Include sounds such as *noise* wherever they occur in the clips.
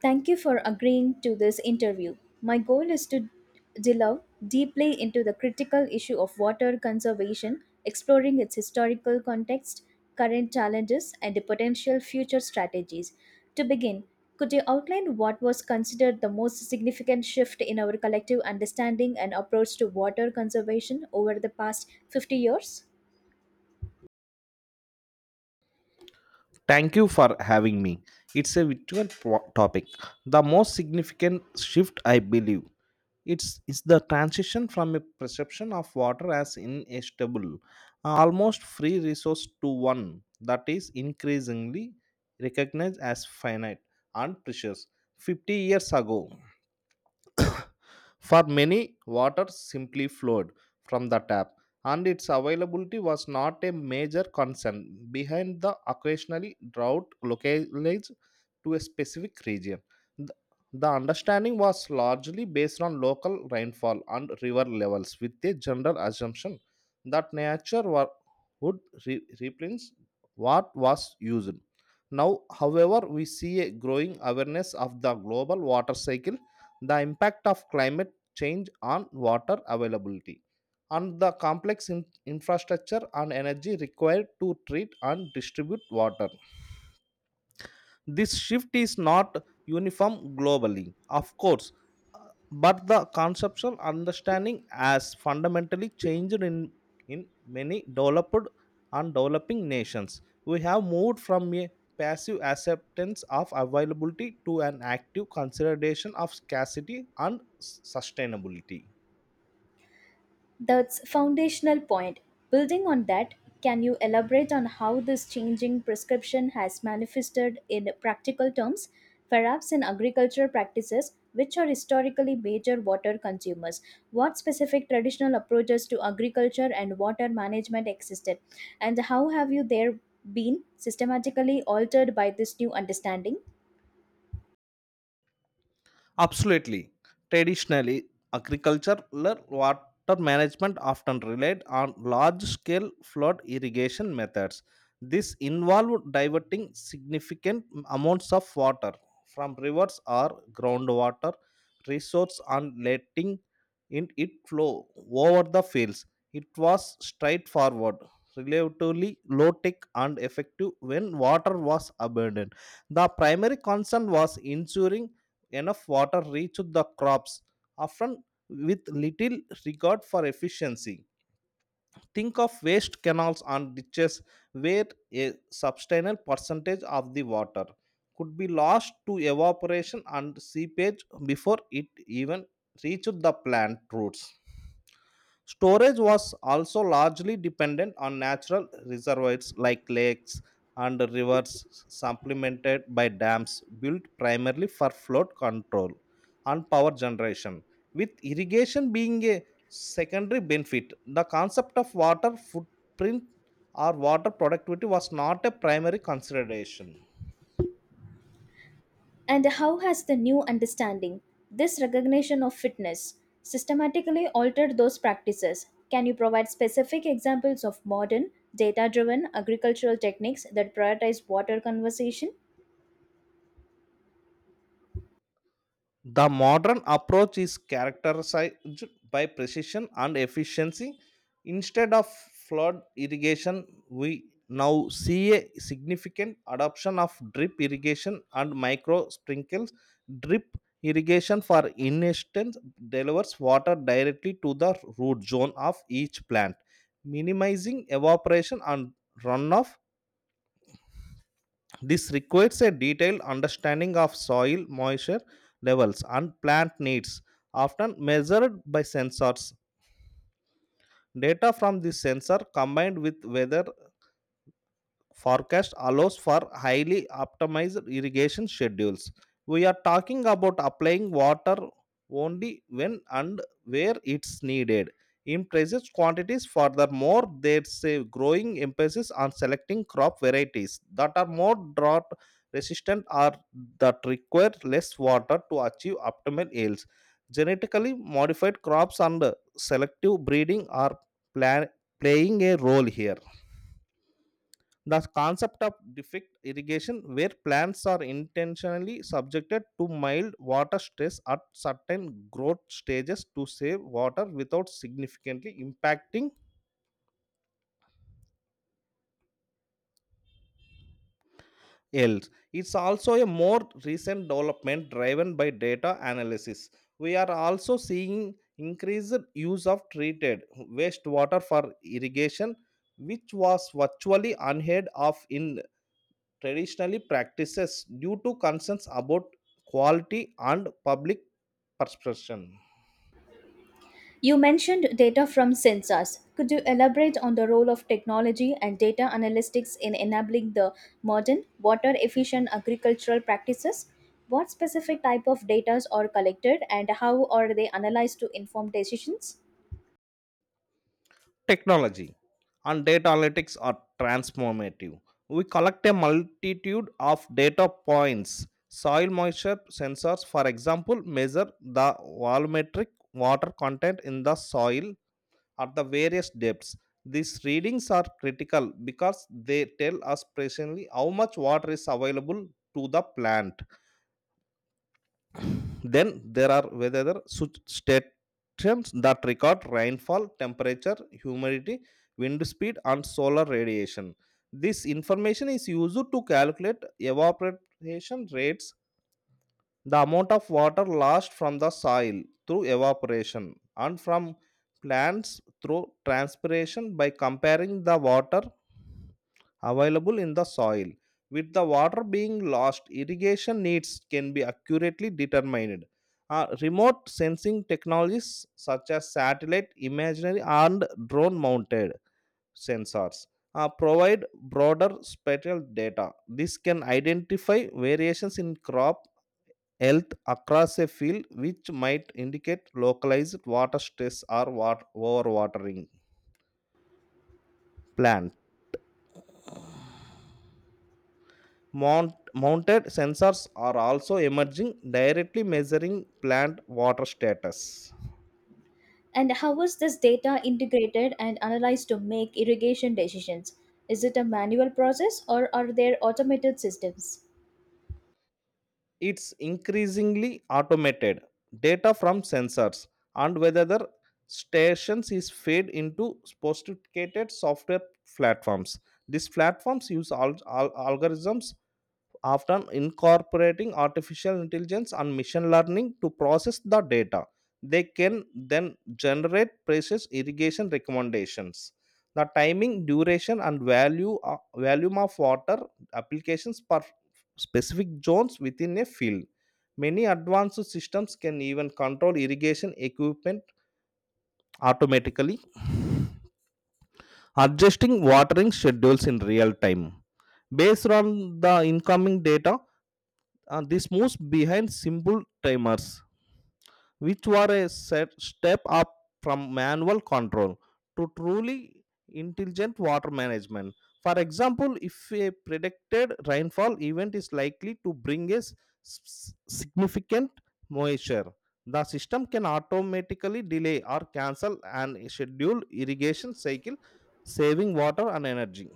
Thank you for agreeing to this interview. My goal is to delve deeply into the critical issue of water conservation, exploring its historical context, current challenges, and the potential future strategies. To begin, could you outline what was considered the most significant shift in our collective understanding and approach to water conservation over the past 50 years? Thank you for having me. It's a virtual topic. The most significant shift, I believe, it's is the transition from a perception of water as inestable, almost free resource to one that is increasingly recognized as finite and precious. 50 years ago. *coughs* For many, water simply flowed from the tap, and its availability was not a major concern behind the occasionally drought localized to a specific region. The the understanding was largely based on local rainfall and river levels, with a general assumption that would replenish what was used. Now, however, we see a growing awareness of the global water cycle, the impact of climate change on water availability and the complex infrastructure and energy required to treat and distribute water. This shift is not uniform globally, of course, uh, but the conceptual understanding has fundamentally changed in many developed and developing nations. We have moved from a passive acceptance of availability to an active consideration of scarcity and sustainability. That's foundational point. Building on that, can you elaborate on how this changing prescription has manifested in practical terms, perhaps in agricultural practices, which are historically major water consumers? What specific traditional approaches to agriculture and water management existed, and how have you there been systematically altered by this new understanding? Absolutely. Traditionally, agricultural water management often relied on large scale flood irrigation methods. This involved diverting significant amounts of water from rivers or groundwater resources and letting in it flow over the fields. It was straightforward, relatively low tech, and effective when water was abundant. The primary concern was ensuring enough water reached the crops, often with little regard for efficiency. Think of waste canals and ditches where a substantial percentage of the water could be lost to evaporation and seepage before it even reached the plant roots. Storage was also largely dependent on natural reservoirs like lakes and rivers, supplemented by dams built primarily for flood control and power generation, with irrigation being a secondary benefit. The concept of water footprint or water productivity was not a primary consideration. And how has the new understanding, this recognition of fitness, systematically altered those practices? Can you provide specific examples of modern, data driven agricultural techniques that prioritize water conservation? The modern approach is characterized by precision and efficiency. Instead of flood irrigation, we now see a significant adoption of drip irrigation and micro sprinkles. Drip irrigation, for instance, delivers water directly to the root zone of each plant, minimizing evaporation and runoff. This requires a detailed understanding of soil moisture levels and plant needs, often measured by sensors. Data from this sensor combined with weather forecast allows for highly optimized irrigation schedules. We are talking about applying water only when and where it's needed. In precise quantities, furthermore, there's a growing emphasis on selecting crop varieties that are more drought resistant or that require less water to achieve optimal yields. Genetically modified crops and selective breeding are pla- playing a role here. The concept of defect irrigation, where plants are intentionally subjected to mild water stress at certain growth stages to save water without significantly impacting yields. It's also a more recent development driven by data analysis. We are also seeing increased use of treated wastewater for irrigation, which was virtually unheard of in traditionally practices due to concerns about quality and public perception. You mentioned data from sensors. Could you elaborate on the role of technology and data analytics in enabling the modern, water efficient agricultural practices? What specific type of data are collected and how are they analyzed to inform decisions? Technology and data analytics are transformative. We collect a multitude of data points. Soil moisture sensors, for example, measure the volumetric water content in the soil at the various depths. These readings are critical because they tell us precisely how much water is available to the plant. Then there are weather such stations that record rainfall, temperature, humidity, wind speed, and solar radiation. This information is used to calculate evaporation rates, the amount of water lost from the soil through evaporation and from plants through transpiration. By comparing the water available in the soil with the water being lost, irrigation needs can be accurately determined. Remote sensing technologies such as satellite imaginary and drone mounted sensors provide broader spatial data. This can identify variations in crop health across a field, which might indicate localized water stress or water overwatering. Plant mounted sensors are also emerging, directly measuring plant water status. And how was this data integrated and analyzed to make irrigation decisions? Is it a manual process or are there automated systems? It's increasingly automated. Data from sensors and weather stations is fed into sophisticated software platforms. These platforms use algorithms. After incorporating artificial intelligence and machine learning to process the data, they can then generate precise irrigation recommendations. The timing, duration, and value volume of water applications per specific zones within a field. Many advanced systems can even control irrigation equipment automatically, adjusting watering schedules in real time based on the incoming data. This moves behind simple timers, which were a set step up from manual control to truly intelligent water management. For example, if a predicted rainfall event is likely to bring a significant moisture, the system can automatically delay or cancel an scheduled irrigation cycle, saving water and energy.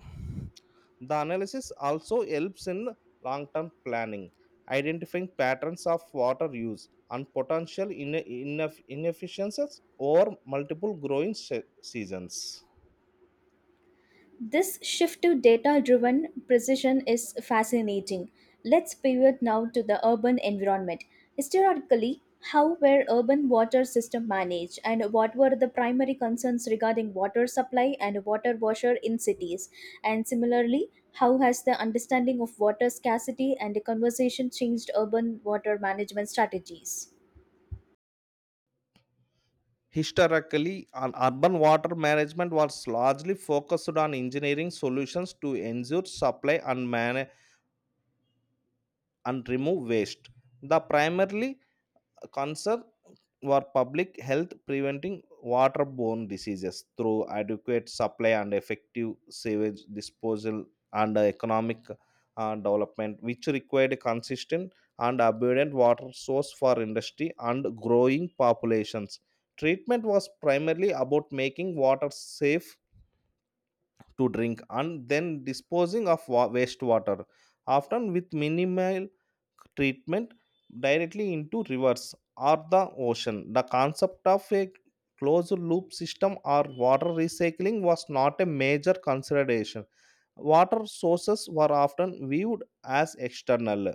The analysis also helps in long term planning, identifying patterns of water use and potential inefficiencies over multiple growing seasons. This shift to data driven precision is fascinating. Let's pivot now to the urban environment. Historically, how were urban water systems managed and what were the primary concerns regarding water supply and water washer in cities? And similarly, how has the understanding of water scarcity and the conversation changed urban water management strategies? Historically, an urban water management was largely focused on engineering solutions to ensure supply and remove waste. The primarily concern for public health preventing waterborne diseases through adequate supply and effective sewage disposal and economic development, which required a consistent and abundant water source for industry and growing populations. Treatment was primarily about making water safe to drink and then disposing of wastewater, often with minimal treatment directly into rivers or the ocean. The concept of a closed loop system or water recycling was not a major consideration. Water sources were often viewed as external,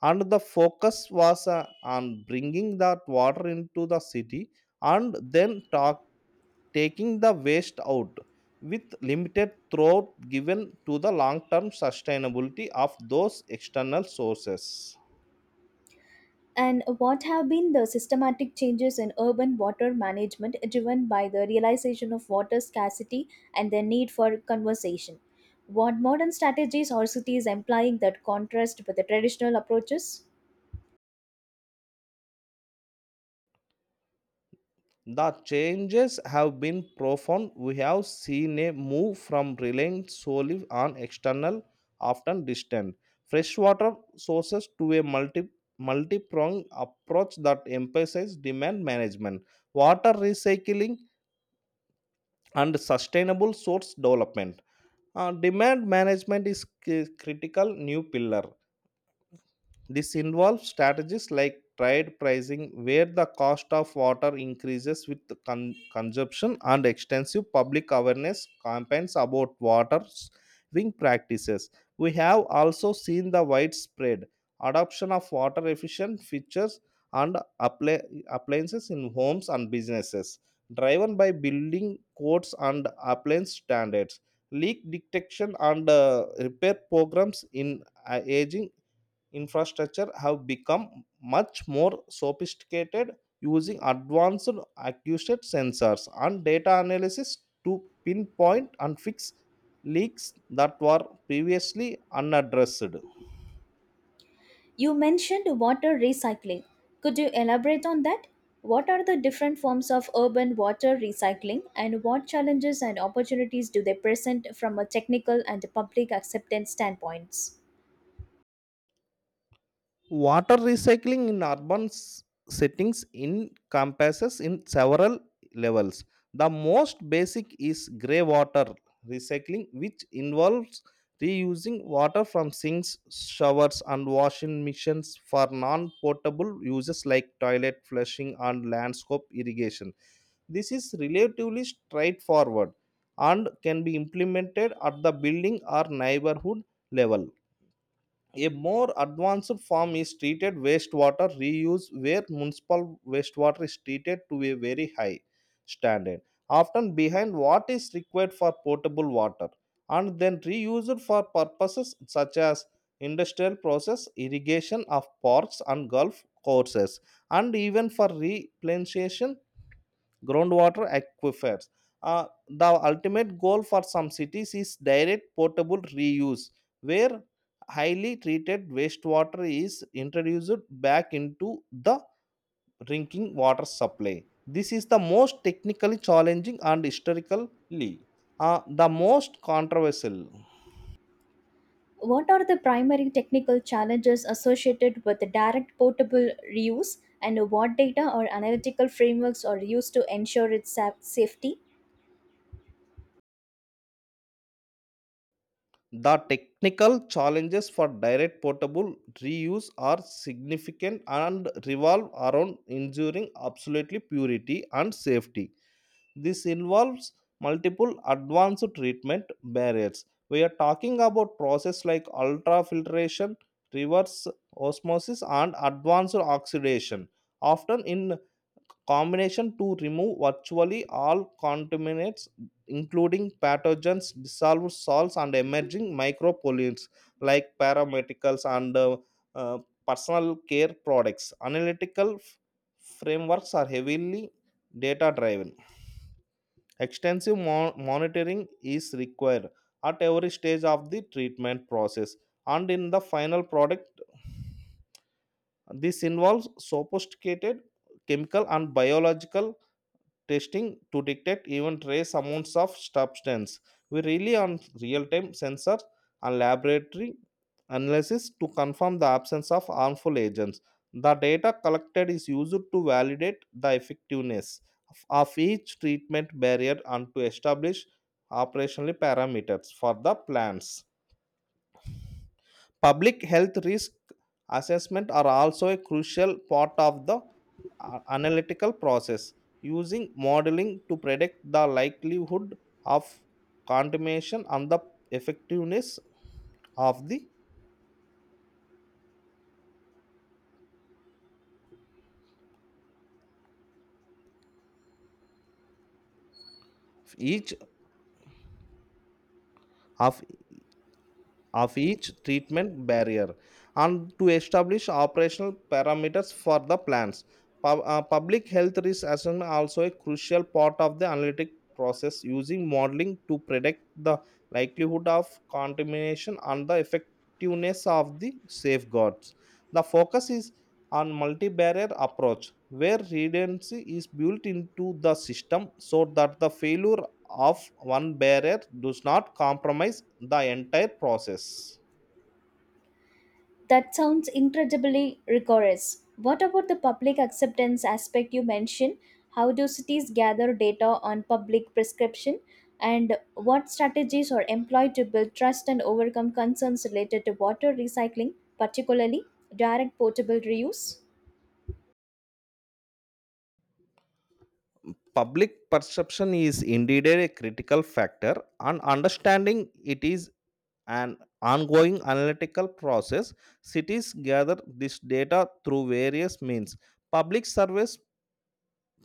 and the focus was on bringing that water into the city and then talk taking the waste out with limited thought given to the long term sustainability of those external sources. And what have been the systematic changes in urban water management driven by the realization of water scarcity and the need for conservation? What modern strategies or cities employing that contrast with the traditional approaches? The changes have been profound. We have seen a move from relying solely on external, often distant, freshwater sources to a multi pronged approach that emphasizes demand management, water recycling, and sustainable source development. Demand management is critical new pillar. This involves strategies like trade pricing, where the cost of water increases with consumption, and extensive public awareness campaigns about water saving practices. We have also seen the widespread adoption of water efficient features and appliances in homes and businesses, driven by building codes and appliance standards. Leak detection and repair programs in aging infrastructure have become much more sophisticated, using advanced acoustic sensors and data analysis to pinpoint and fix leaks that were previously unaddressed. You mentioned water recycling. Could you elaborate on that? What are the different forms of urban water recycling and what challenges and opportunities do they present from a technical and public acceptance standpoints? Water recycling in urban settings encompasses in several levels. The most basic is grey water recycling, which involves reusing water from sinks, showers, and washing machines for non potable uses like toilet flushing and landscape irrigation. This is relatively straightforward and can be implemented at the building or neighborhood level. A more advanced form is treated wastewater reuse, where municipal wastewater is treated to a very high standard, often behind what is required for potable water, and then reused for purposes such as industrial process, irrigation of parks and golf courses, and even for replenishing groundwater aquifers. The ultimate goal for some cities is direct potable reuse, where highly treated wastewater is introduced back into the drinking water supply. This is the most technically challenging and historically the most controversial. What are the primary technical challenges associated with direct portable reuse, and what data or analytical frameworks are used to ensure its safety? The technical challenges for direct potable reuse are significant and revolve around ensuring absolutely purity and safety. This involves multiple advanced treatment barriers. We are talking about processes like ultrafiltration, reverse osmosis, and advanced oxidation, often in combination to remove virtually all contaminants, including pathogens, dissolved salts, and emerging micropollutants like paramedicals and uh, personal care products. Analytical frameworks are heavily data driven. Extensive monitoring is required at every stage of the treatment process and in the final product. This involves sophisticated chemical and biological testing to detect even trace amounts of substance. We rely on real time sensors and laboratory analysis to confirm the absence of harmful agents. The data collected is used to validate the effectiveness of each treatment barrier and to establish operational parameters for the plants. Public health risk assessment are also a crucial part of the analytical process, using modeling to predict the likelihood of contamination and the effectiveness of the each of of each treatment barrier and to establish operational parameters for the plans. Public health risk assessment also a crucial part of the analytic process using modeling to predict the likelihood of contamination and the effectiveness of the safeguards. The focus is on multi-barrier approach where redundancy is built into the system so that the failure of one barrier does not compromise the entire process. That sounds incredibly rigorous. What about the public acceptance aspect you mentioned? How do cities gather data on public prescription? And what strategies are employed to build trust and overcome concerns related to water recycling, particularly direct portable reuse? Public perception is indeed a critical factor, and understanding it is an ongoing analytical process. Cities gather this data through various means: public surveys,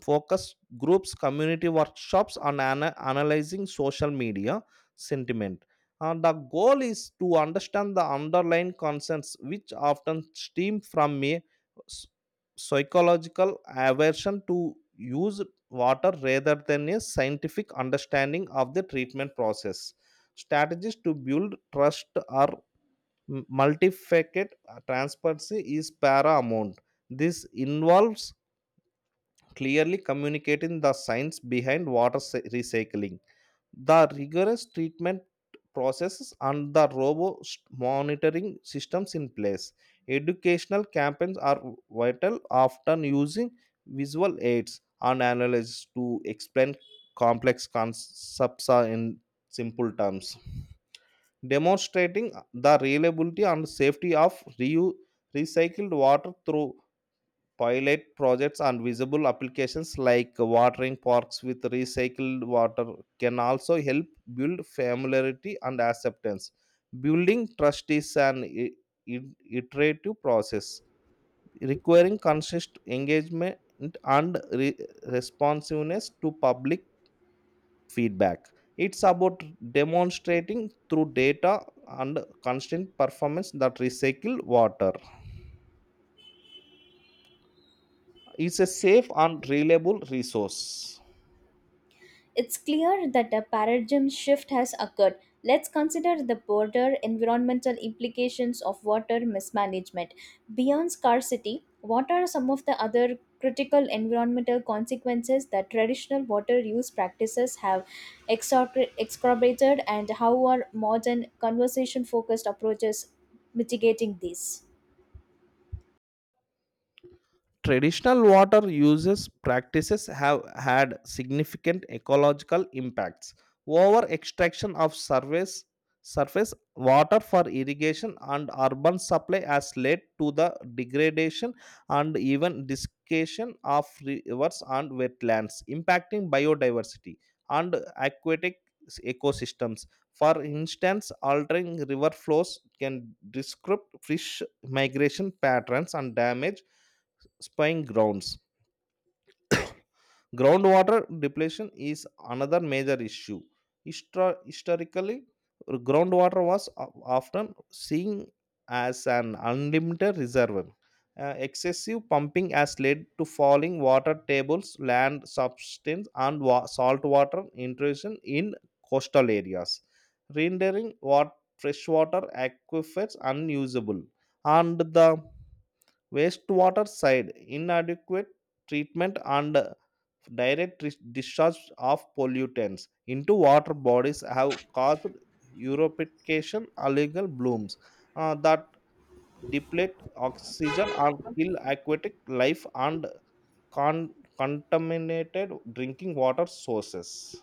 focus groups, community workshops on analyzing social media sentiment. And the goal is to understand the underlying concerns, which often stem from a s- psychological aversion to use water rather than a scientific understanding of the treatment process. Strategies to build trust are multifaceted. Transparency is paramount. This involves clearly communicating the science behind recycling, the rigorous treatment processes, and the robust monitoring systems in place. Educational campaigns are vital, often using visual aids and analysis to explain complex concepts in simple terms, demonstrating the reliability and safety of recycled water through pilot projects and visible applications like watering parks with recycled water can also help build familiarity and acceptance. Building trust is an iterative process requiring consistent engagement and responsiveness to public feedback. It's about demonstrating through data and constant performance that recycled water is a safe and reliable resource. It's clear that a paradigm shift has occurred. Let's consider the broader environmental implications of water mismanagement. Beyond scarcity, what are some of the other critical environmental consequences that traditional water use practices have exacerbated, and how are modern conservation focused approaches mitigating these? Traditional water uses practices have had significant ecological impacts. Over extraction of surface water for irrigation and urban supply has led to the degradation and even discation of rivers and wetlands, impacting biodiversity and aquatic ecosystems. For instance, altering river flows can disrupt fish migration patterns and damage spying grounds. Groundwater depletion is another major issue. Historically, groundwater was often seen as an unlimited reservoir. Excessive pumping has led to falling water tables, land substance, and saltwater intrusion in coastal areas, rendering freshwater aquifers unusable. And the wastewater side, inadequate treatment and direct discharge of pollutants into water bodies have caused Europication algal blooms that deplete oxygen and kill aquatic life and con- contaminated drinking water sources.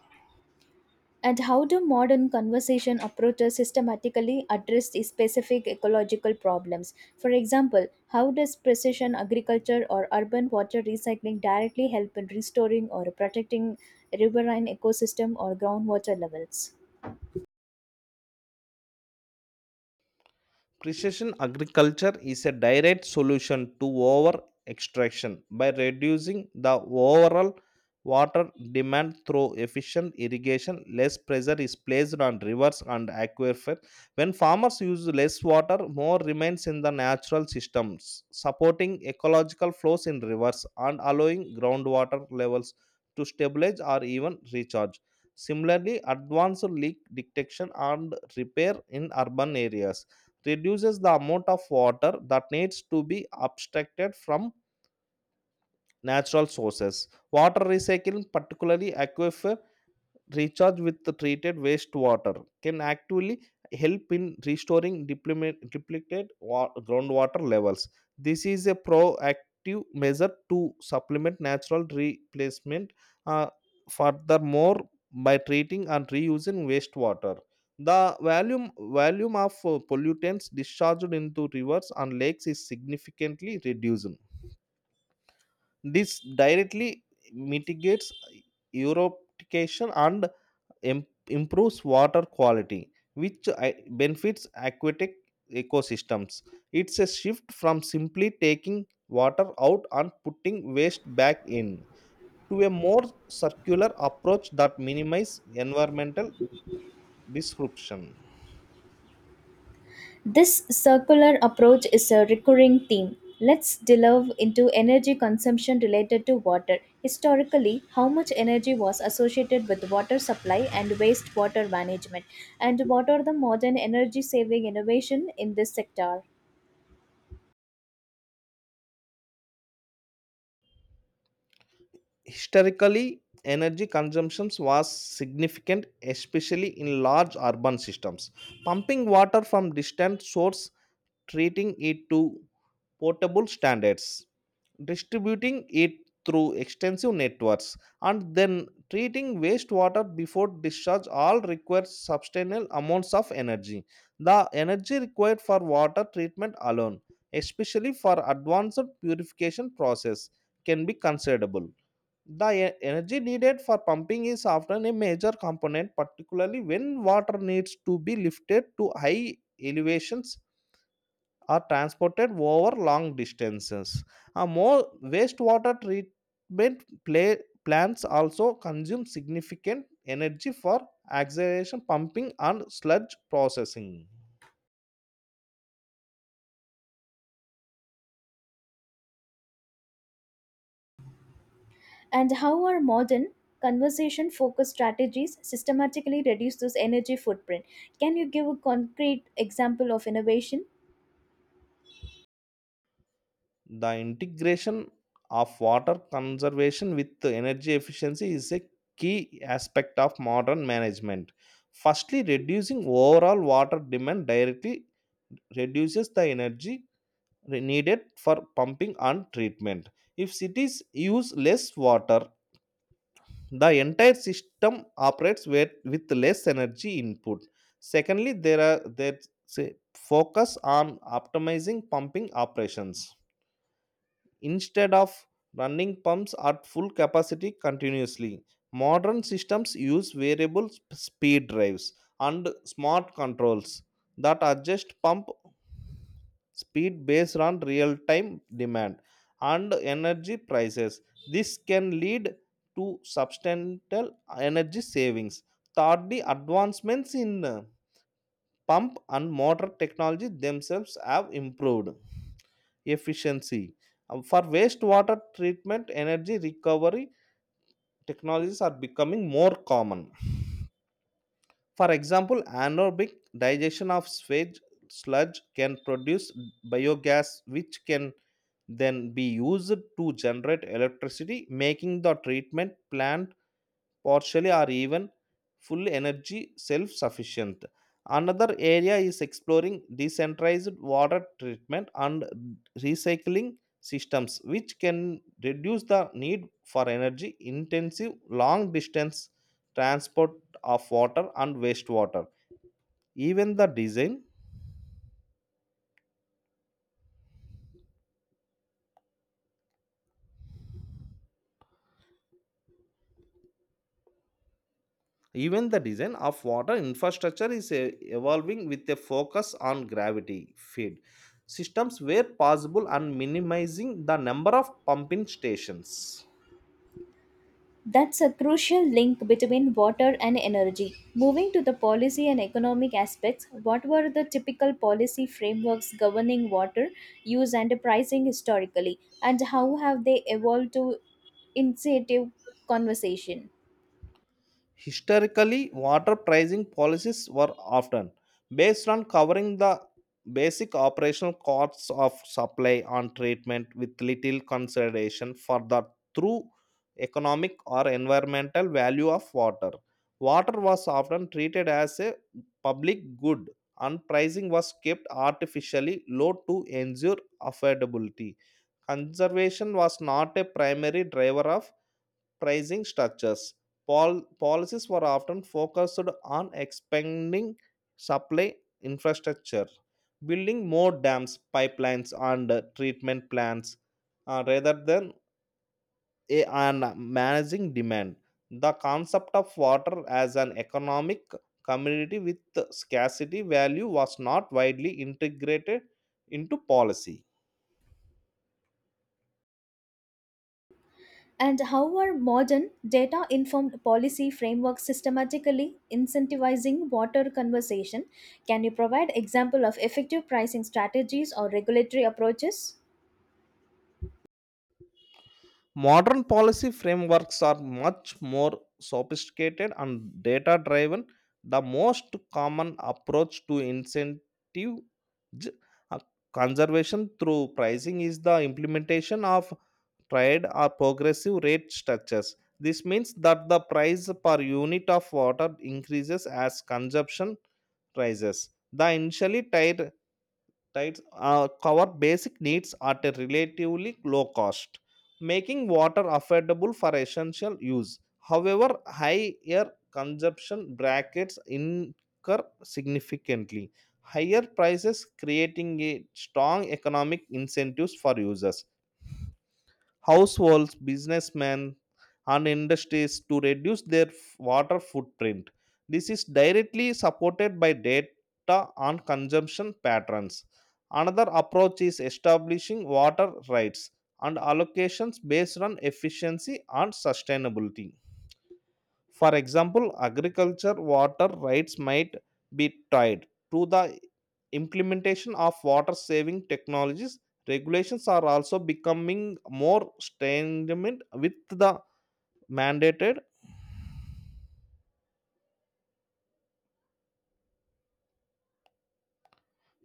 And how do modern conversation approaches systematically address the specific ecological problems? For example, how does precision agriculture or urban water recycling directly help in restoring or protecting riverine ecosystem or groundwater levels? Precision agriculture is a direct solution to over extraction by reducing the overall water demand through efficient irrigation. Less pressure is placed on rivers and aquifers. When farmers use less water, more remains in the natural systems, supporting ecological flows in rivers and allowing groundwater levels to stabilize or even recharge. Similarly, advanced leak detection and repair in urban areas reduces the amount of water that needs to be abstracted from natural sources. Water recycling, particularly aquifer recharge with the treated wastewater, can actually help in restoring depleted groundwater levels. This is a proactive measure to supplement natural replacement. Uh, furthermore, by treating and reusing wastewater, the volume of pollutants discharged into rivers and lakes is significantly reduced. This directly mitigates eutrophication and em- improves water quality, which benefits aquatic ecosystems. It's a shift from simply taking water out and putting waste back in to a more circular approach that minimizes environmental disruption. This circular approach is a recurring theme. Let's delve into energy consumption related to water. Historically, how much energy was associated with water supply and wastewater management, and what are the modern energy saving innovation in this sector? Historically, energy consumption was significant, especially in large urban systems. Pumping water from distant sources, treating it to portable standards, distributing it through extensive networks, and then treating wastewater before discharge all require substantial amounts of energy. The energy required for water treatment alone, especially for advanced purification process, can be considerable. The energy needed for pumping is often a major component, particularly when water needs to be lifted to high elevations are transported over long distances. More wastewater treatment plants also consume significant energy for acceleration pumping and sludge processing. And how are modern conversation focused strategies systematically reduce this energy footprint? Can you give a concrete example of innovation? The integration of water conservation with the energy efficiency is a key aspect of modern management. Firstly, reducing overall water demand directly reduces the energy needed for pumping and treatment. If cities use less water, the entire system operates with less energy input. Secondly, there say focus on optimizing pumping operations instead of running pumps at full capacity continuously. Modern systems use variable speed drives and smart controls that adjust pump speed based on real time demand and energy prices. This can lead to substantial energy savings. Thirdly, advancements in pump and motor technology themselves have improved efficiency. For wastewater treatment, energy recovery technologies are becoming more common. For example, anaerobic digestion of sewage sludge can produce biogas, which can then be used to generate electricity, making the treatment plant partially or even full energy self sufficient. Another area is exploring decentralized water treatment and recycling systems, which can reduce the need for energy intensive long distance transport of water and wastewater. Even the design Even the design of water infrastructure is evolving with a focus on gravity feed systems where possible and minimizing the number of pumping stations. That's a crucial link between water and energy. Moving to the policy and economic aspects, what were the typical policy frameworks governing water use and pricing historically, and how have they evolved to initiative conversation? Historically, water pricing policies were often based on covering the basic operational costs of supply and treatment with little consideration for the true economic or environmental value of water. Water was often treated as a public good and pricing was kept artificially low to ensure affordability. Conservation was not a primary driver of pricing structures. Policies were often focused on expanding supply infrastructure, building more dams, pipelines, and treatment plants, rather than and managing demand. The concept of water as an economic community with scarcity value was not widely integrated into policy. And how are modern data informed policy frameworks systematically incentivizing water conversation? Can you provide example of effective pricing strategies or regulatory approaches? Modern policy frameworks are much more sophisticated and data driven. The most common approach to incentive j- uh, conservation through pricing is the implementation of triad or progressive rate structures. This means that the price per unit of water increases as consumption rises. The initially tied right cover basic needs at a relatively low cost, making water affordable for essential use. However, higher consumption brackets incur significantly higher prices, creating a strong economic incentives for users, households, businessmen, and industries to reduce their water footprint. This is directly supported by data on consumption patterns. Another approach is establishing water rights and allocations based on efficiency and sustainability. For example, agriculture water rights might be tied to the implementation of water saving technologies. Regulations are also becoming more stringent, with the mandated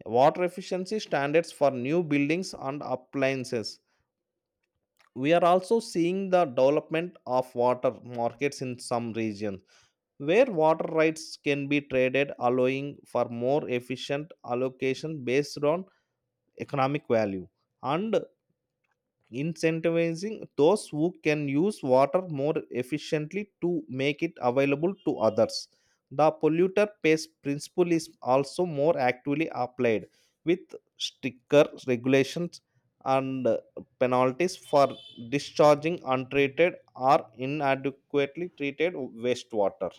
water efficiency standards for new buildings and appliances. We are also seeing the development of water markets in some regions, where water rights can be traded, allowing for more efficient allocation based on economic value and incentivizing those who can use water more efficiently to make it available to others. The polluter pays principle is also more actively applied with stricter regulations and penalties for discharging untreated or inadequately treated wastewater.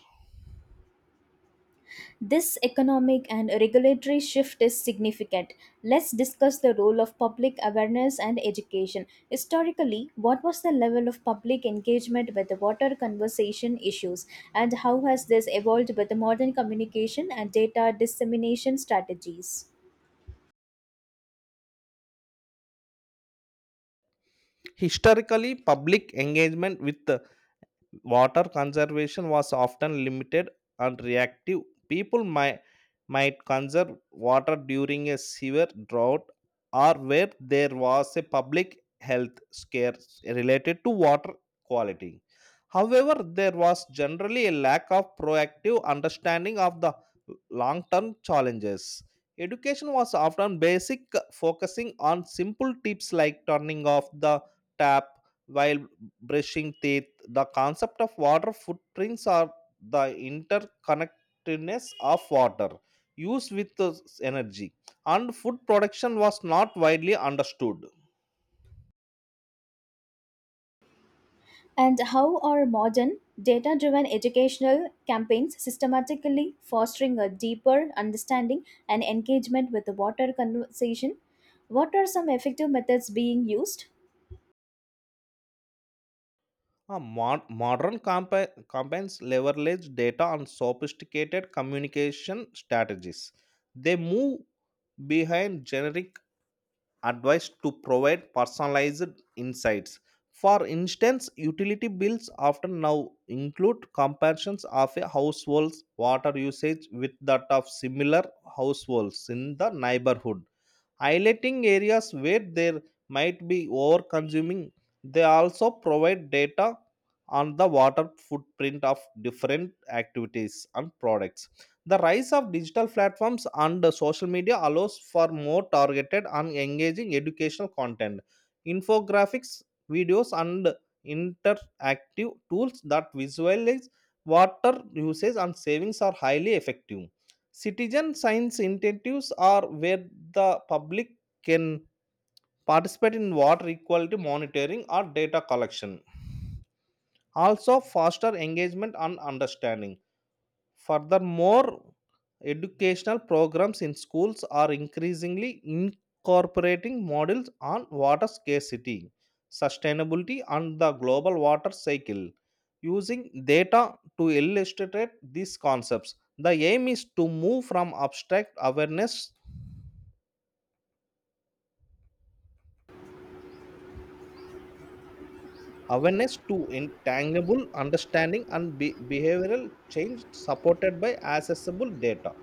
This economic and regulatory shift is significant. Let's discuss the role of public awareness and education. Historically, what was the level of public engagement with the water conservation issues, and how has this evolved with the modern communication and data dissemination strategies? Historically, public engagement with water conservation was often limited and reactive. People might, might conserve water during a severe drought or where there was a public health scare related to water quality. However, there was generally a lack of proactive understanding of the long term challenges. Education was often basic, focusing on simple tips like turning off the tap while brushing teeth. The concept of water footprints are the interconnectedness of water used with the energy, and food production was not widely understood. And how are modern data driven educational campaigns systematically fostering a deeper understanding and engagement with the water conservation? What are some effective methods being used? Modern campaigns leverage data and sophisticated communication strategies. They move behind generic advice to provide personalized insights. For instance, utility bills often now include comparisons of a household's water usage with that of similar households in the neighborhood, highlighting areas where there might be over consuming. They also provide data on the water footprint of different activities and products. The rise of digital platforms and social media allows for more targeted and engaging educational content. Infographics, videos, and interactive tools that visualize water usage and savings are highly effective. Citizen science initiatives, are where the public can participate in water equality monitoring or data collection, also foster engagement and understanding. Furthermore, educational programs in schools are increasingly incorporating models on water scarcity, sustainability, and the global water cycle, using data to illustrate these concepts. The aim is to move from abstract awareness to intangible understanding and behavioral change supported by accessible data.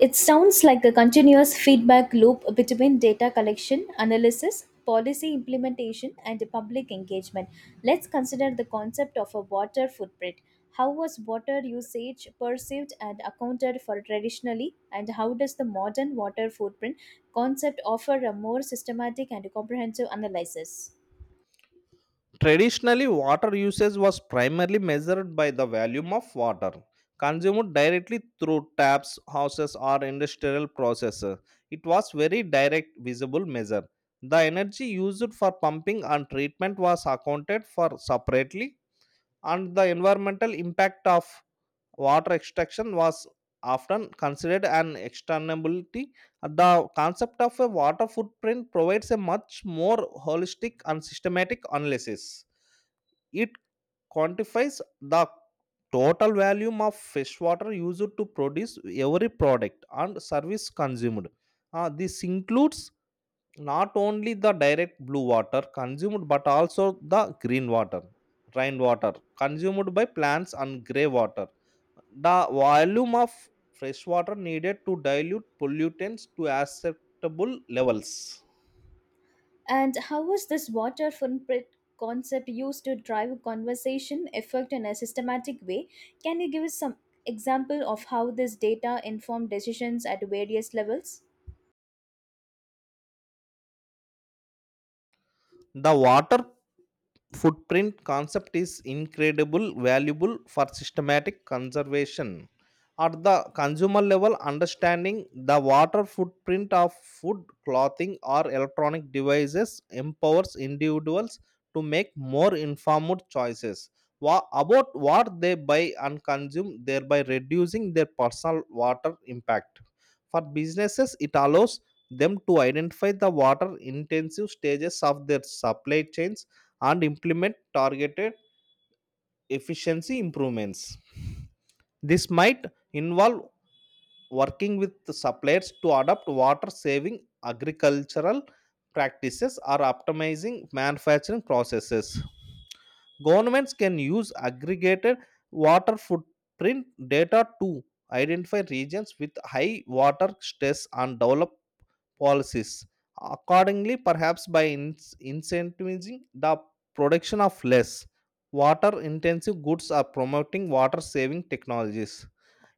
It sounds like a continuous feedback loop between data collection, analysis, policy implementation, and public engagement. Let's consider the concept of a water footprint. How was water usage perceived and accounted for traditionally, and how does the modern water footprint concept offer a more systematic and comprehensive analysis? Traditionally, water usage was primarily measured by the volume of water consumed directly through taps, houses, or industrial processes. It was very direct, visible measure. The energy used for pumping and treatment was accounted for separately, and the environmental impact of water extraction was often considered an externality. The concept of a water footprint provides a much more holistic and systematic analysis. It quantifies the total volume of freshwater used to produce every product and service consumed. This includes not only the direct blue water consumed but also the green water, rainwater consumed by plants, and gray water, the volume of fresh water needed to dilute pollutants to acceptable levels. And how was this water footprint concept used to drive a conversation effect in a systematic way? Can you give us some example of how this data informed decisions at various levels? The water footprint concept is incredible valuable for systematic conservation. At the consumer level, understanding the water footprint of food, clothing, or electronic devices empowers individuals to make more informed choices about what they buy and consume, thereby reducing their personal water impact. For businesses, it allows them to identify the water intensive stages of their supply chains and implement targeted efficiency improvements. This might involve working with the suppliers to adopt water saving agricultural practices or optimizing manufacturing processes. Governments can use aggregated water footprint data to identify regions with high water stress and develop policies accordingly, perhaps by incentivizing the production of less water intensive goods or promoting water saving technologies.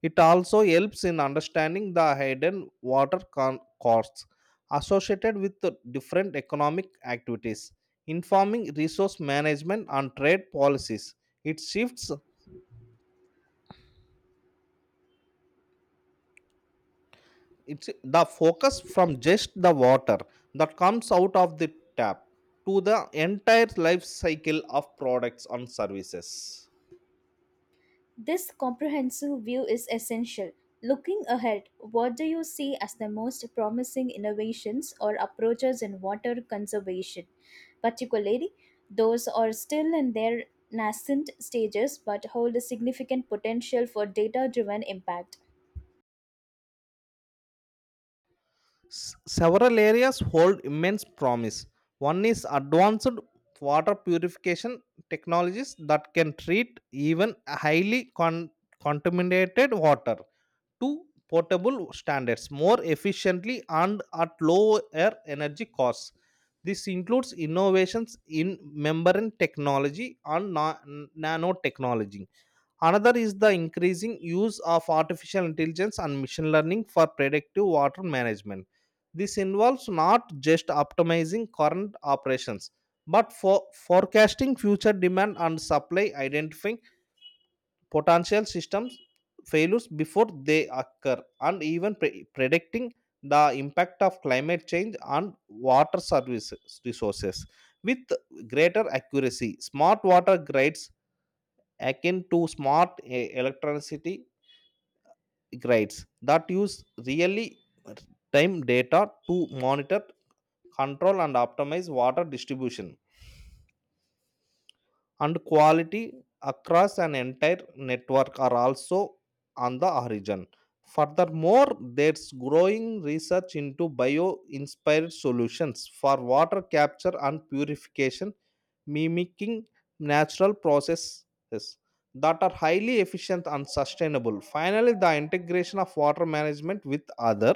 It also helps in understanding the hidden water costs associated with the different economic activities, informing resource management and trade policies. It shifts it's the focus from just the water that comes out of the tap to the entire life cycle of products and services. This comprehensive view is essential. Looking ahead, what do you see as the most promising innovations or approaches in water conservation? Particularly, those are still in their nascent stages but hold a significant potential for data driven impact. Several areas hold immense promise. One is advanced water purification technologies that can treat even highly contaminated water to portable standards more efficiently and at lower energy costs. This includes innovations in membrane technology and nanotechnology. Another is the increasing use of artificial intelligence and machine learning for predictive water management. This involves not just optimizing current operations, but for forecasting future demand and supply, identifying potential systems failures before they occur, and even predicting the impact of climate change on water services resources with greater accuracy. Smart water grids, akin to smart electricity grids, that use really time data to monitor, control, and optimize water distribution and quality across an entire network are also on the horizon. Furthermore, there's growing research into bio inspired solutions for water capture and purification, mimicking natural processes that are highly efficient and sustainable. Finally, the integration of water management with other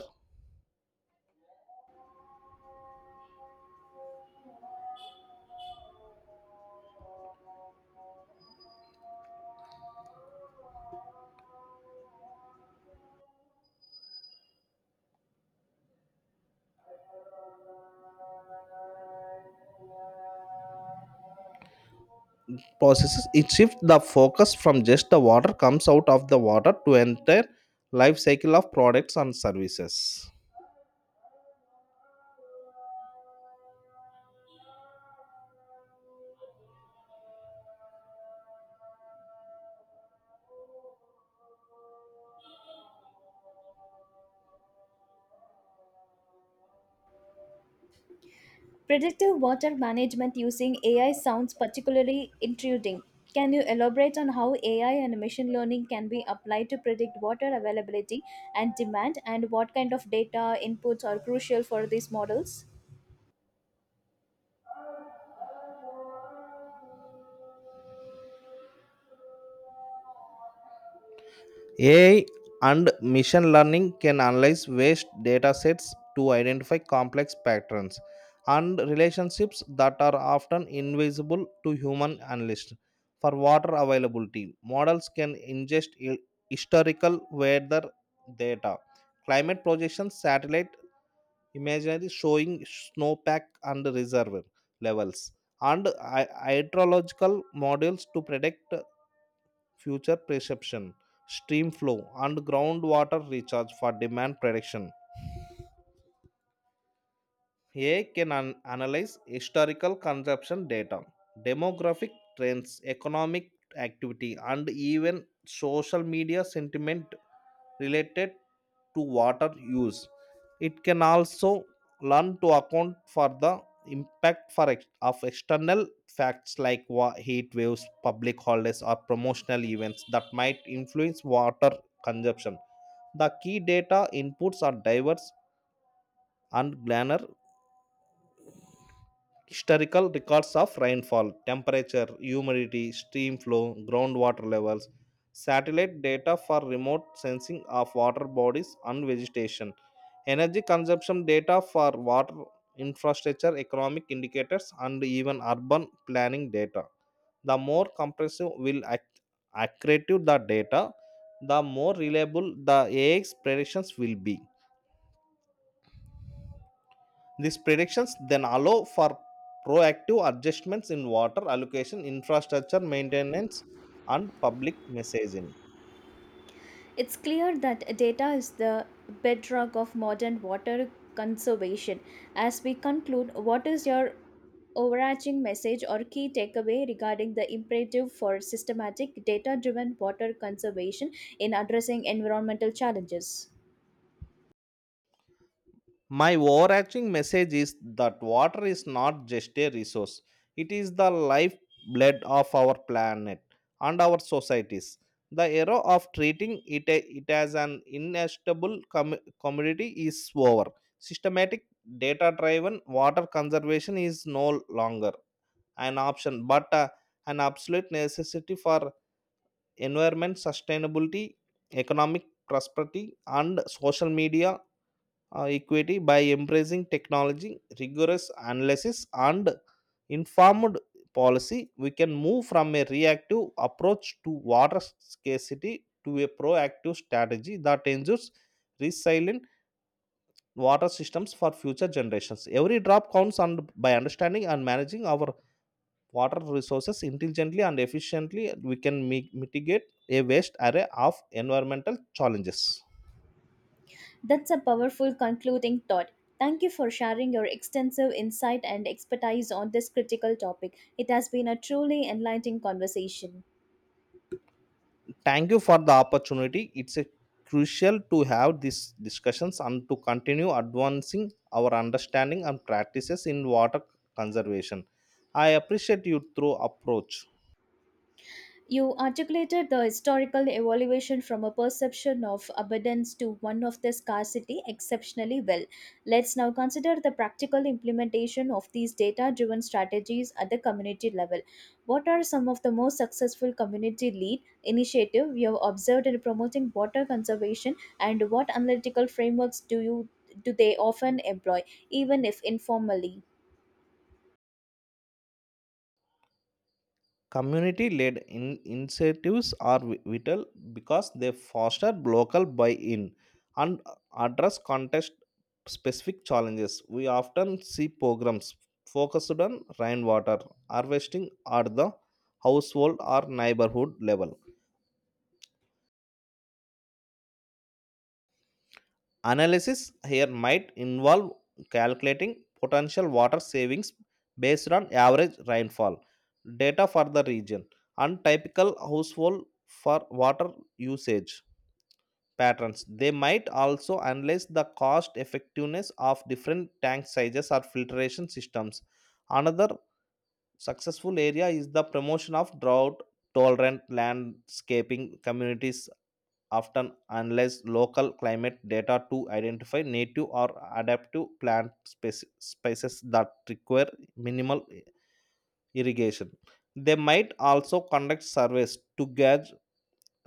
processes, it shifts the focus from just the water comes out of the water to entire life cycle of products and services. Predictive water management using AI sounds particularly intriguing. Can you elaborate on how AI and machine learning can be applied to predict water availability and demand, and what kind of data inputs are crucial for these models? AI and machine learning can analyze vast data sets to identify complex patterns and relationships that are often invisible to human analysts. For water availability, models can ingest historical weather data, climate projections, satellite imaginary showing snowpack and reservoir levels, and hydrological models to predict future precipitation, stream flow, and groundwater recharge. For demand prediction, AI can analyze historical consumption data, demographic trends, economic activity, and even social media sentiment related to water use. It can also learn to account for the impact of external facts like heat waves, public holidays, or promotional events that might influence water consumption. The key data inputs are diverse and granular. Historical records of rainfall, temperature, humidity, stream flow, groundwater levels, satellite data for remote sensing of water bodies and vegetation, energy consumption data for water infrastructure, economic indicators, and even urban planning data. The more comprehensive will accurate the data, the more reliable the AX predictions will be. These predictions then allow for proactive adjustments in water allocation, infrastructure maintenance, and public messaging. It's clear that data is the bedrock of modern water conservation. As we conclude, what is your overarching message or key takeaway regarding the imperative for systematic data driven water conservation in addressing environmental challenges. My overarching message is that water is not just a resource, it is the lifeblood of our planet and our societies. The era of treating it, it as an inestimable commodity is over. Systematic data driven water conservation is no longer an option but an absolute necessity for environment sustainability, economic prosperity, and social media equity. By embracing technology, rigorous analysis, and informed policy, we can move from a reactive approach to water scarcity to a proactive strategy that ensures resilient water systems for future generations. Every drop counts, and by understanding and managing our water resources intelligently and efficiently, we can mitigate a vast array of environmental challenges. That's a powerful concluding thought. Thank you for sharing your extensive insight and expertise on this critical topic. It has been a truly enlightening conversation. Thank you for the opportunity. It's a crucial to have these discussions and to continue advancing our understanding and practices in water conservation. I appreciate you through approach. You articulated the historical evolution from a perception of abundance to one of the scarcity exceptionally well. Let's now consider the practical implementation of these data driven strategies at the community level. What are some of the most successful community lead initiative you have observed in promoting water conservation and what analytical frameworks do you do they often employ even if informally? Community led initiatives are vital because they foster local buy in and address context specific challenges. We often see programs focused on rainwater harvesting at the household or neighborhood level. Analysis here might involve calculating potential water savings based on average rainfall data for the region and typical household for water usage patterns. They might also analyze the cost effectiveness of different tank sizes or filtration systems. Another successful area is the promotion of drought tolerant landscaping. Communities often analyze local climate data to identify native or adaptive species that require minimal irrigation. They might also conduct surveys to gauge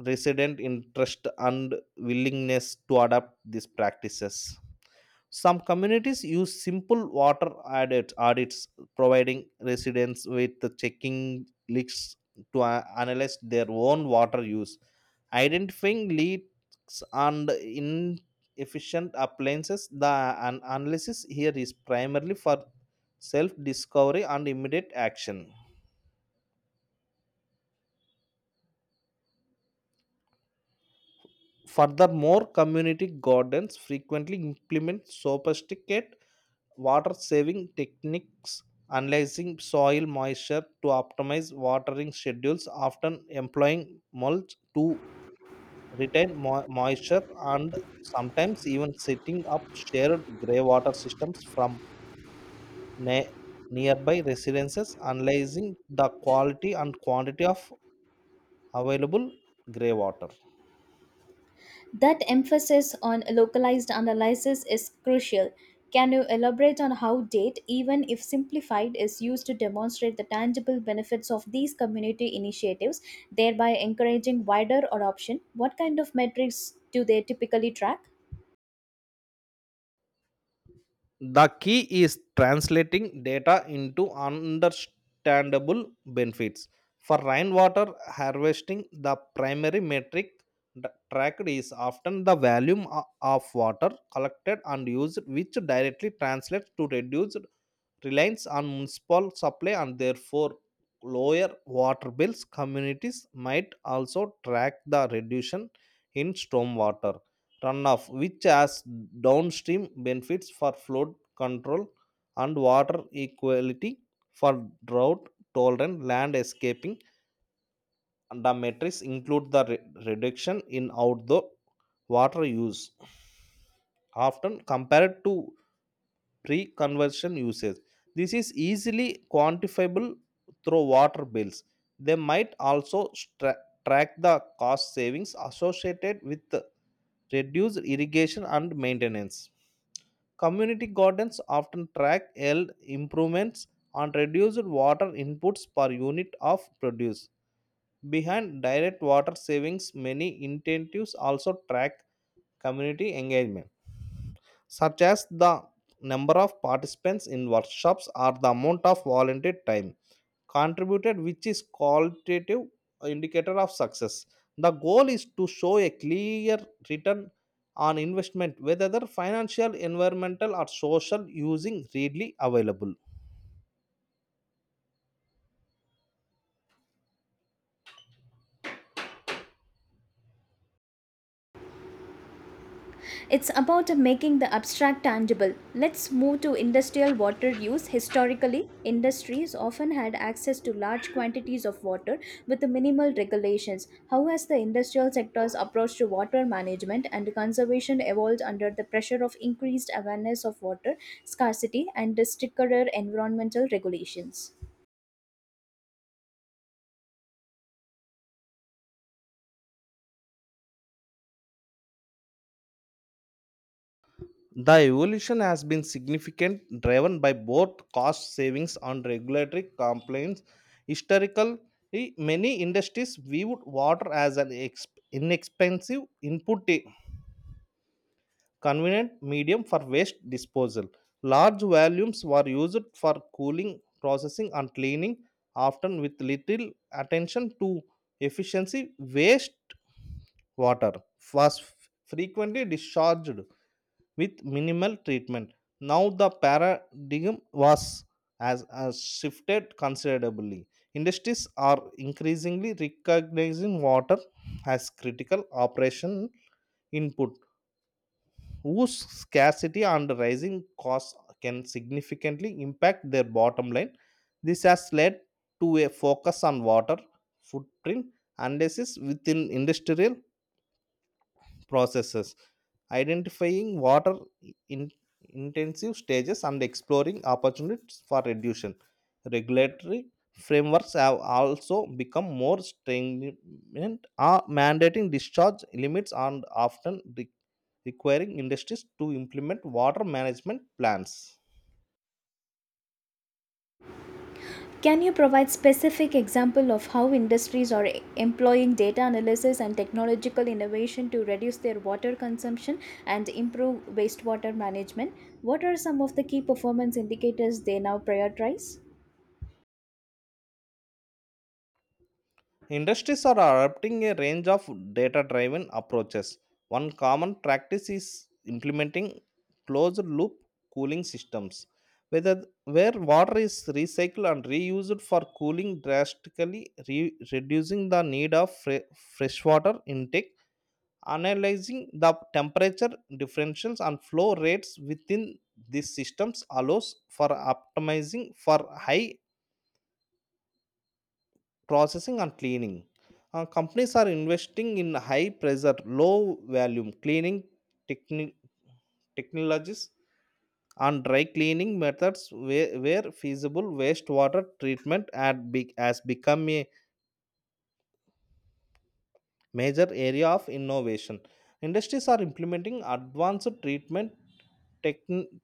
resident interest and willingness to adopt these practices. Some communities use simple audits, providing residents with the checking leaks to analyze their own water use, identifying leaks and inefficient appliances. The analysis here is primarily for self discovery and immediate action. Furthermore, community gardens frequently implement sophisticated water saving techniques, analyzing soil moisture to optimize watering schedules, often employing mulch to retain moisture, and sometimes even setting up shared greywater systems from ne- nearby residences, analyzing the quality and quantity of available greywater. That emphasis on localized analysis is crucial. Can you elaborate on how DATE, even if simplified, is used to demonstrate the tangible benefits of these community initiatives, thereby encouraging wider adoption? What kind of metrics do they typically track? The key is translating data into understandable benefits. For rainwater harvesting, the primary metric tracked is often the volume of water collected and used, which directly translates to reduced reliance on municipal supply and therefore lower water bills. Communities might also track the reduction in stormwater runoff, which has downstream benefits for flood control and water equality. For drought tolerant land escaping, and the metrics include the reduction in outdoor water use, often compared to pre-conversion usage. This is easily quantifiable through water bills. They might also track the cost savings associated with reduced irrigation and maintenance. Community gardens often track yield improvements and reduced water inputs per unit of produce. Behind direct water savings, many incentives also track community engagement, such as the number of participants in workshops or the amount of volunteer time contributed, which is qualitative indicator of success. The goal is to show a clear return on investment, whether the financial, environmental, or social, using readily available. It's about making the abstract tangible. Let's move to industrial water use. Historically, industries often had access to large quantities of water with minimal regulations. How has the industrial sector's approach to water management and conservation evolved under the pressure of increased awareness of water scarcity and stricter environmental regulations? The evolution has been significant, driven by both cost savings and regulatory compliance. Historically, many industries viewed water as an inexpensive input, a convenient medium for waste disposal. Large volumes were used for cooling, processing, and cleaning, often with little attention to efficiency. Waste water was frequently discharged with minimal treatment. Now the paradigm has shifted considerably. Industries are increasingly recognizing water as critical operation input whose scarcity and rising costs can significantly impact their bottom line. This has led to a focus on water footprint analysis within industrial processes, identifying water in intensive stages and exploring opportunities for reduction. Regulatory frameworks have also become more stringent, mandating discharge limits and often requiring industries to implement water management plans. Can you provide specific example of how industries are employing data analysis and technological innovation to reduce their water consumption and improve wastewater management? What are some of the key performance indicators they now prioritize? Industries are adopting a range of data driven approaches. One common practice is implementing closed loop cooling systems, where water is recycled and reused for cooling, drastically reducing the need of freshwater intake. Analyzing the temperature differentials and flow rates within these systems allows for optimizing for high processing and cleaning. Companies are investing in high pressure, low volume cleaning techni- technologies and dry cleaning methods where feasible. Wastewater treatment has become a major area of innovation. Industries are implementing advanced treatment techn-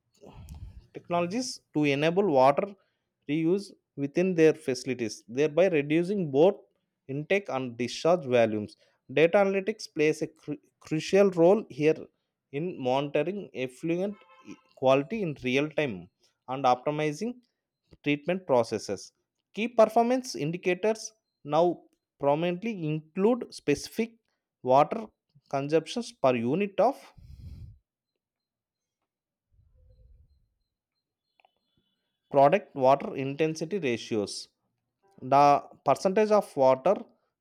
technologies to enable water reuse within their facilities, thereby reducing both intake and discharge volumes. Data analytics plays a crucial role here in monitoring effluent quality in real time and optimizing treatment processes. Key performance indicators now prominently include specific water consumptions per unit of product, water intensity ratios, the percentage of water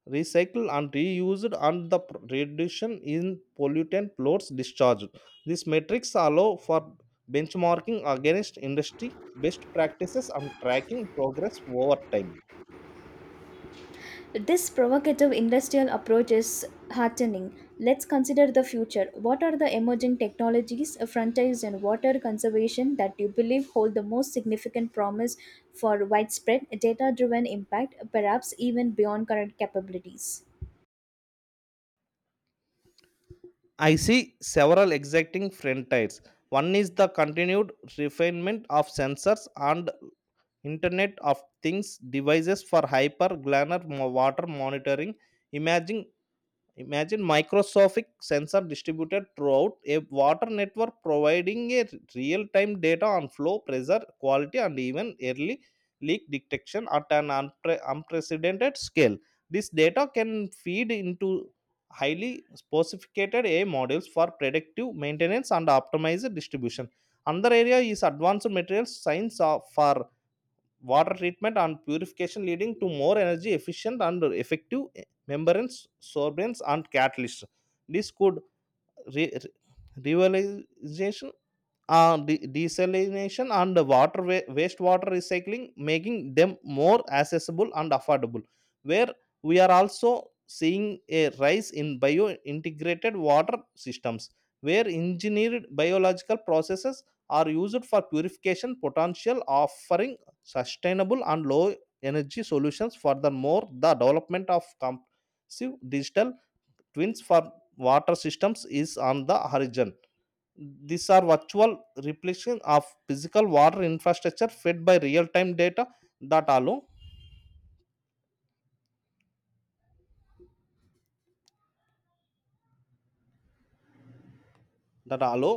recycled and reused, and the reduction in pollutant loads discharged. These metrics allow for benchmarking against industry best practices and tracking progress over time. This provocative industrial approach is heartening. Let's consider the future. What are the emerging technologies, frontiers and water conservation that you believe hold the most significant promise for widespread data driven impact, perhaps even beyond current capabilities? I see several exacting trend tides. One is the continued refinement of sensors and Internet of Things devices for hyper glannar water monitoring, imaging Imagine microscopic sensor distributed throughout a water network providing a real-time data on flow, pressure, quality, and even early leak detection at an unprecedented scale. This data can feed into highly sophisticated AI models for predictive maintenance and optimized distribution. Another area is advanced materials science for water treatment and purification, leading to more energy efficient and effective membranes, sorbents, and catalysts. This could re- revitalization desalination and water wastewater recycling, making them more accessible and affordable. Where we are also seeing a rise in bio integrated water systems, where engineered biological processes are used for purification potential, offering sustainable and low energy solutions. Furthermore, the development of comprehensive digital twins for water systems is on the horizon. These are virtual replication of physical water infrastructure fed by real-time data that allow that allow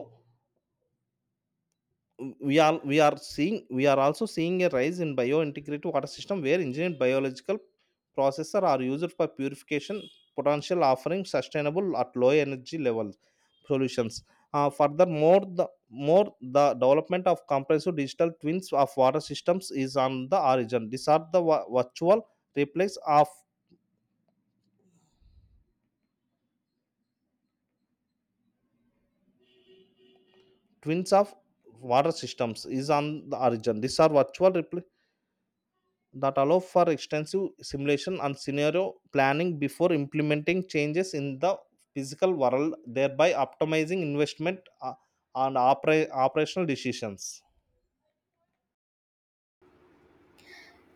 we are seeing we are also seeing a rise in biointegrated water system where engineered biological processes are used for purification potential, offering sustainable at low energy levels solutions. Furthermore, the development of comprehensive digital twins of water systems is on the origin. These are virtual replace of twins of water systems is on the origin. These are virtual that allow for extensive simulation and scenario planning before implementing changes in the physical world, thereby optimizing investment and operational decisions.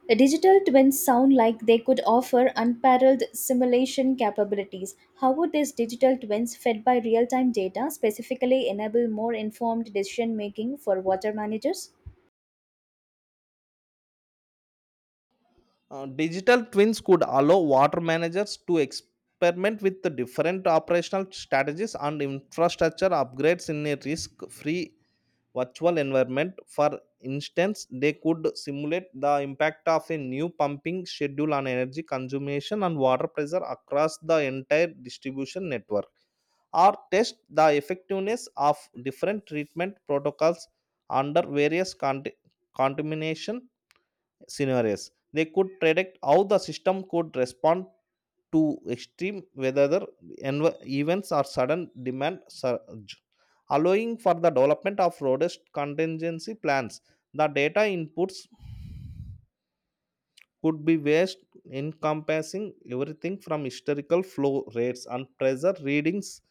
Digital twins sound like they could offer unparalleled simulation capabilities. How would these digital twins, fed by real time data, specifically enable more informed decision making for water managers? Digital twins could allow water managers to experiment with the different operational strategies and infrastructure upgrades in a risk free virtual environment. For instance, they could simulate the impact of a new pumping schedule on energy consumption and water pressure across the entire distribution network, or test the effectiveness of different treatment protocols under various contamination scenarios. They could predict how the system could respond to extreme whether the events or sudden demand surge, allowing for the development of robust contingency plans. The data inputs could be vast, encompassing everything from historical flow rates and pressure readings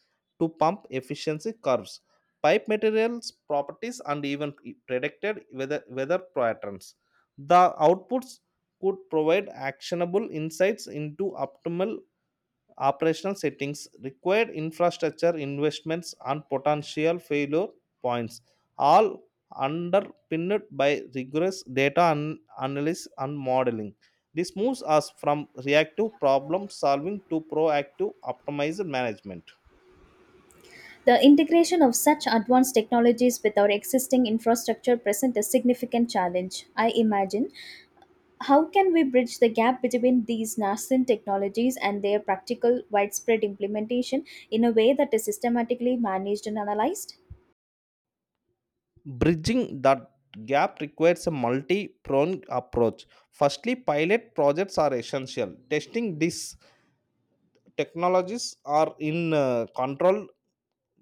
to pump efficiency curves, pipe materials properties, and even predicted weather patterns. The outputs could provide actionable insights into optimal operational settings, required infrastructure investments, and potential failure points, all underpinned by rigorous data analysis and modeling. This moves us from reactive problem solving to proactive optimized management. The integration of such advanced technologies with our existing infrastructure presents a significant challenge. I imagine how can we bridge the gap between these nascent technologies and their practical widespread implementation in a way that is systematically managed and analyzed? Bridging that gap requires a multi pronged approach. Firstly, pilot projects are essential. Testing these technologies are in control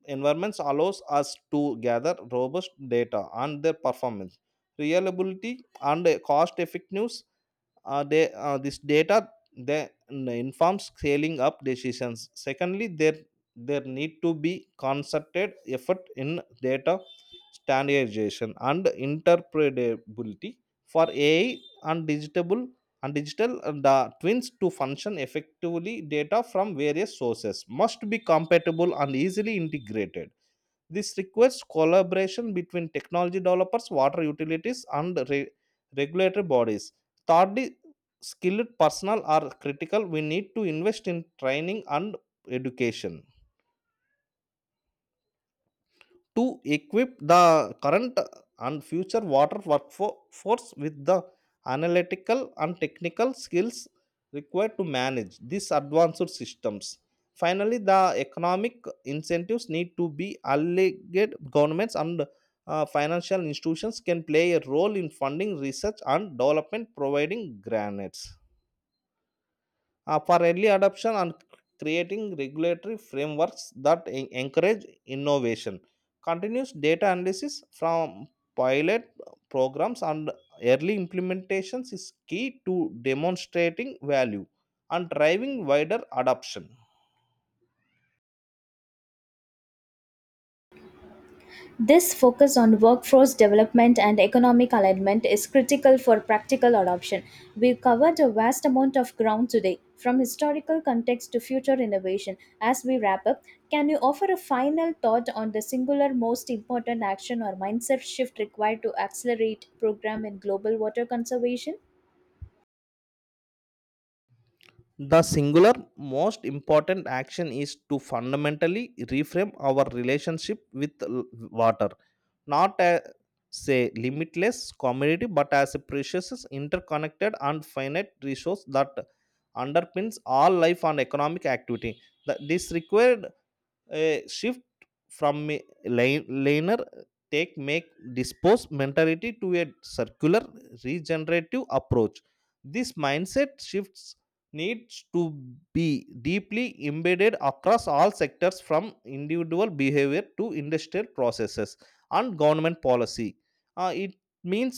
environments allows us to gather robust data on their performance, reliability, and cost effectiveness. This data they informs scaling up decisions. Secondly, there need to be concerted effort in data standardization and interpretability. For AI and digital twins to function effectively, data from various sources must be compatible and easily integrated. This requires collaboration between technology developers, water utilities, and regulatory bodies. Thirdly, skilled personnel are critical. We need to invest in training and education to equip the current and future water workforce with the analytical and technical skills required to manage these advanced systems. Finally, the economic incentives need to be alleged. Governments and financial institutions can play a role in funding research and development, providing grants for early adoption, and creating regulatory frameworks that encourage innovation. Continuous data analysis from pilot programs and early implementations is key to demonstrating value and driving wider adoption. This focus on workforce development and economic alignment is critical for practical adoption. We covered a vast amount of ground today, from historical context to future innovation. As we wrap up, can you offer a final thought on the singular most important action or mindset shift required to accelerate program in global water conservation? The singular most important action is to fundamentally reframe our relationship with water, not as a limitless commodity but as a precious, interconnected, and finite resource that underpins all life and economic activity. This required a shift from a linear take make dispose mentality to a circular regenerative approach. This mindset shifts needs to be deeply embedded across all sectors, from individual behavior to industrial processes and government policy. It means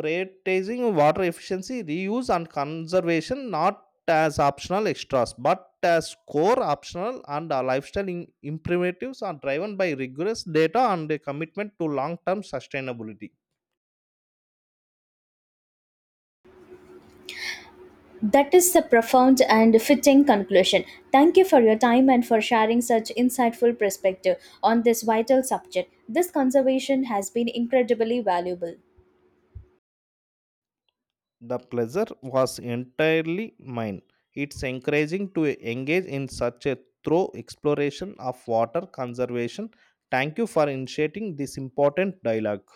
prioritizing water efficiency, reuse, and conservation, not as optional extras but as core optional and lifestyle imperatives, are driven by rigorous data and a commitment to long term sustainability. That is the profound and fitting conclusion. Thank you for your time and for sharing such insightful perspective on this vital subject. This conversation has been incredibly valuable. The pleasure was entirely mine. It's encouraging to engage in such a thorough exploration of water conservation. Thank you for initiating this important dialogue.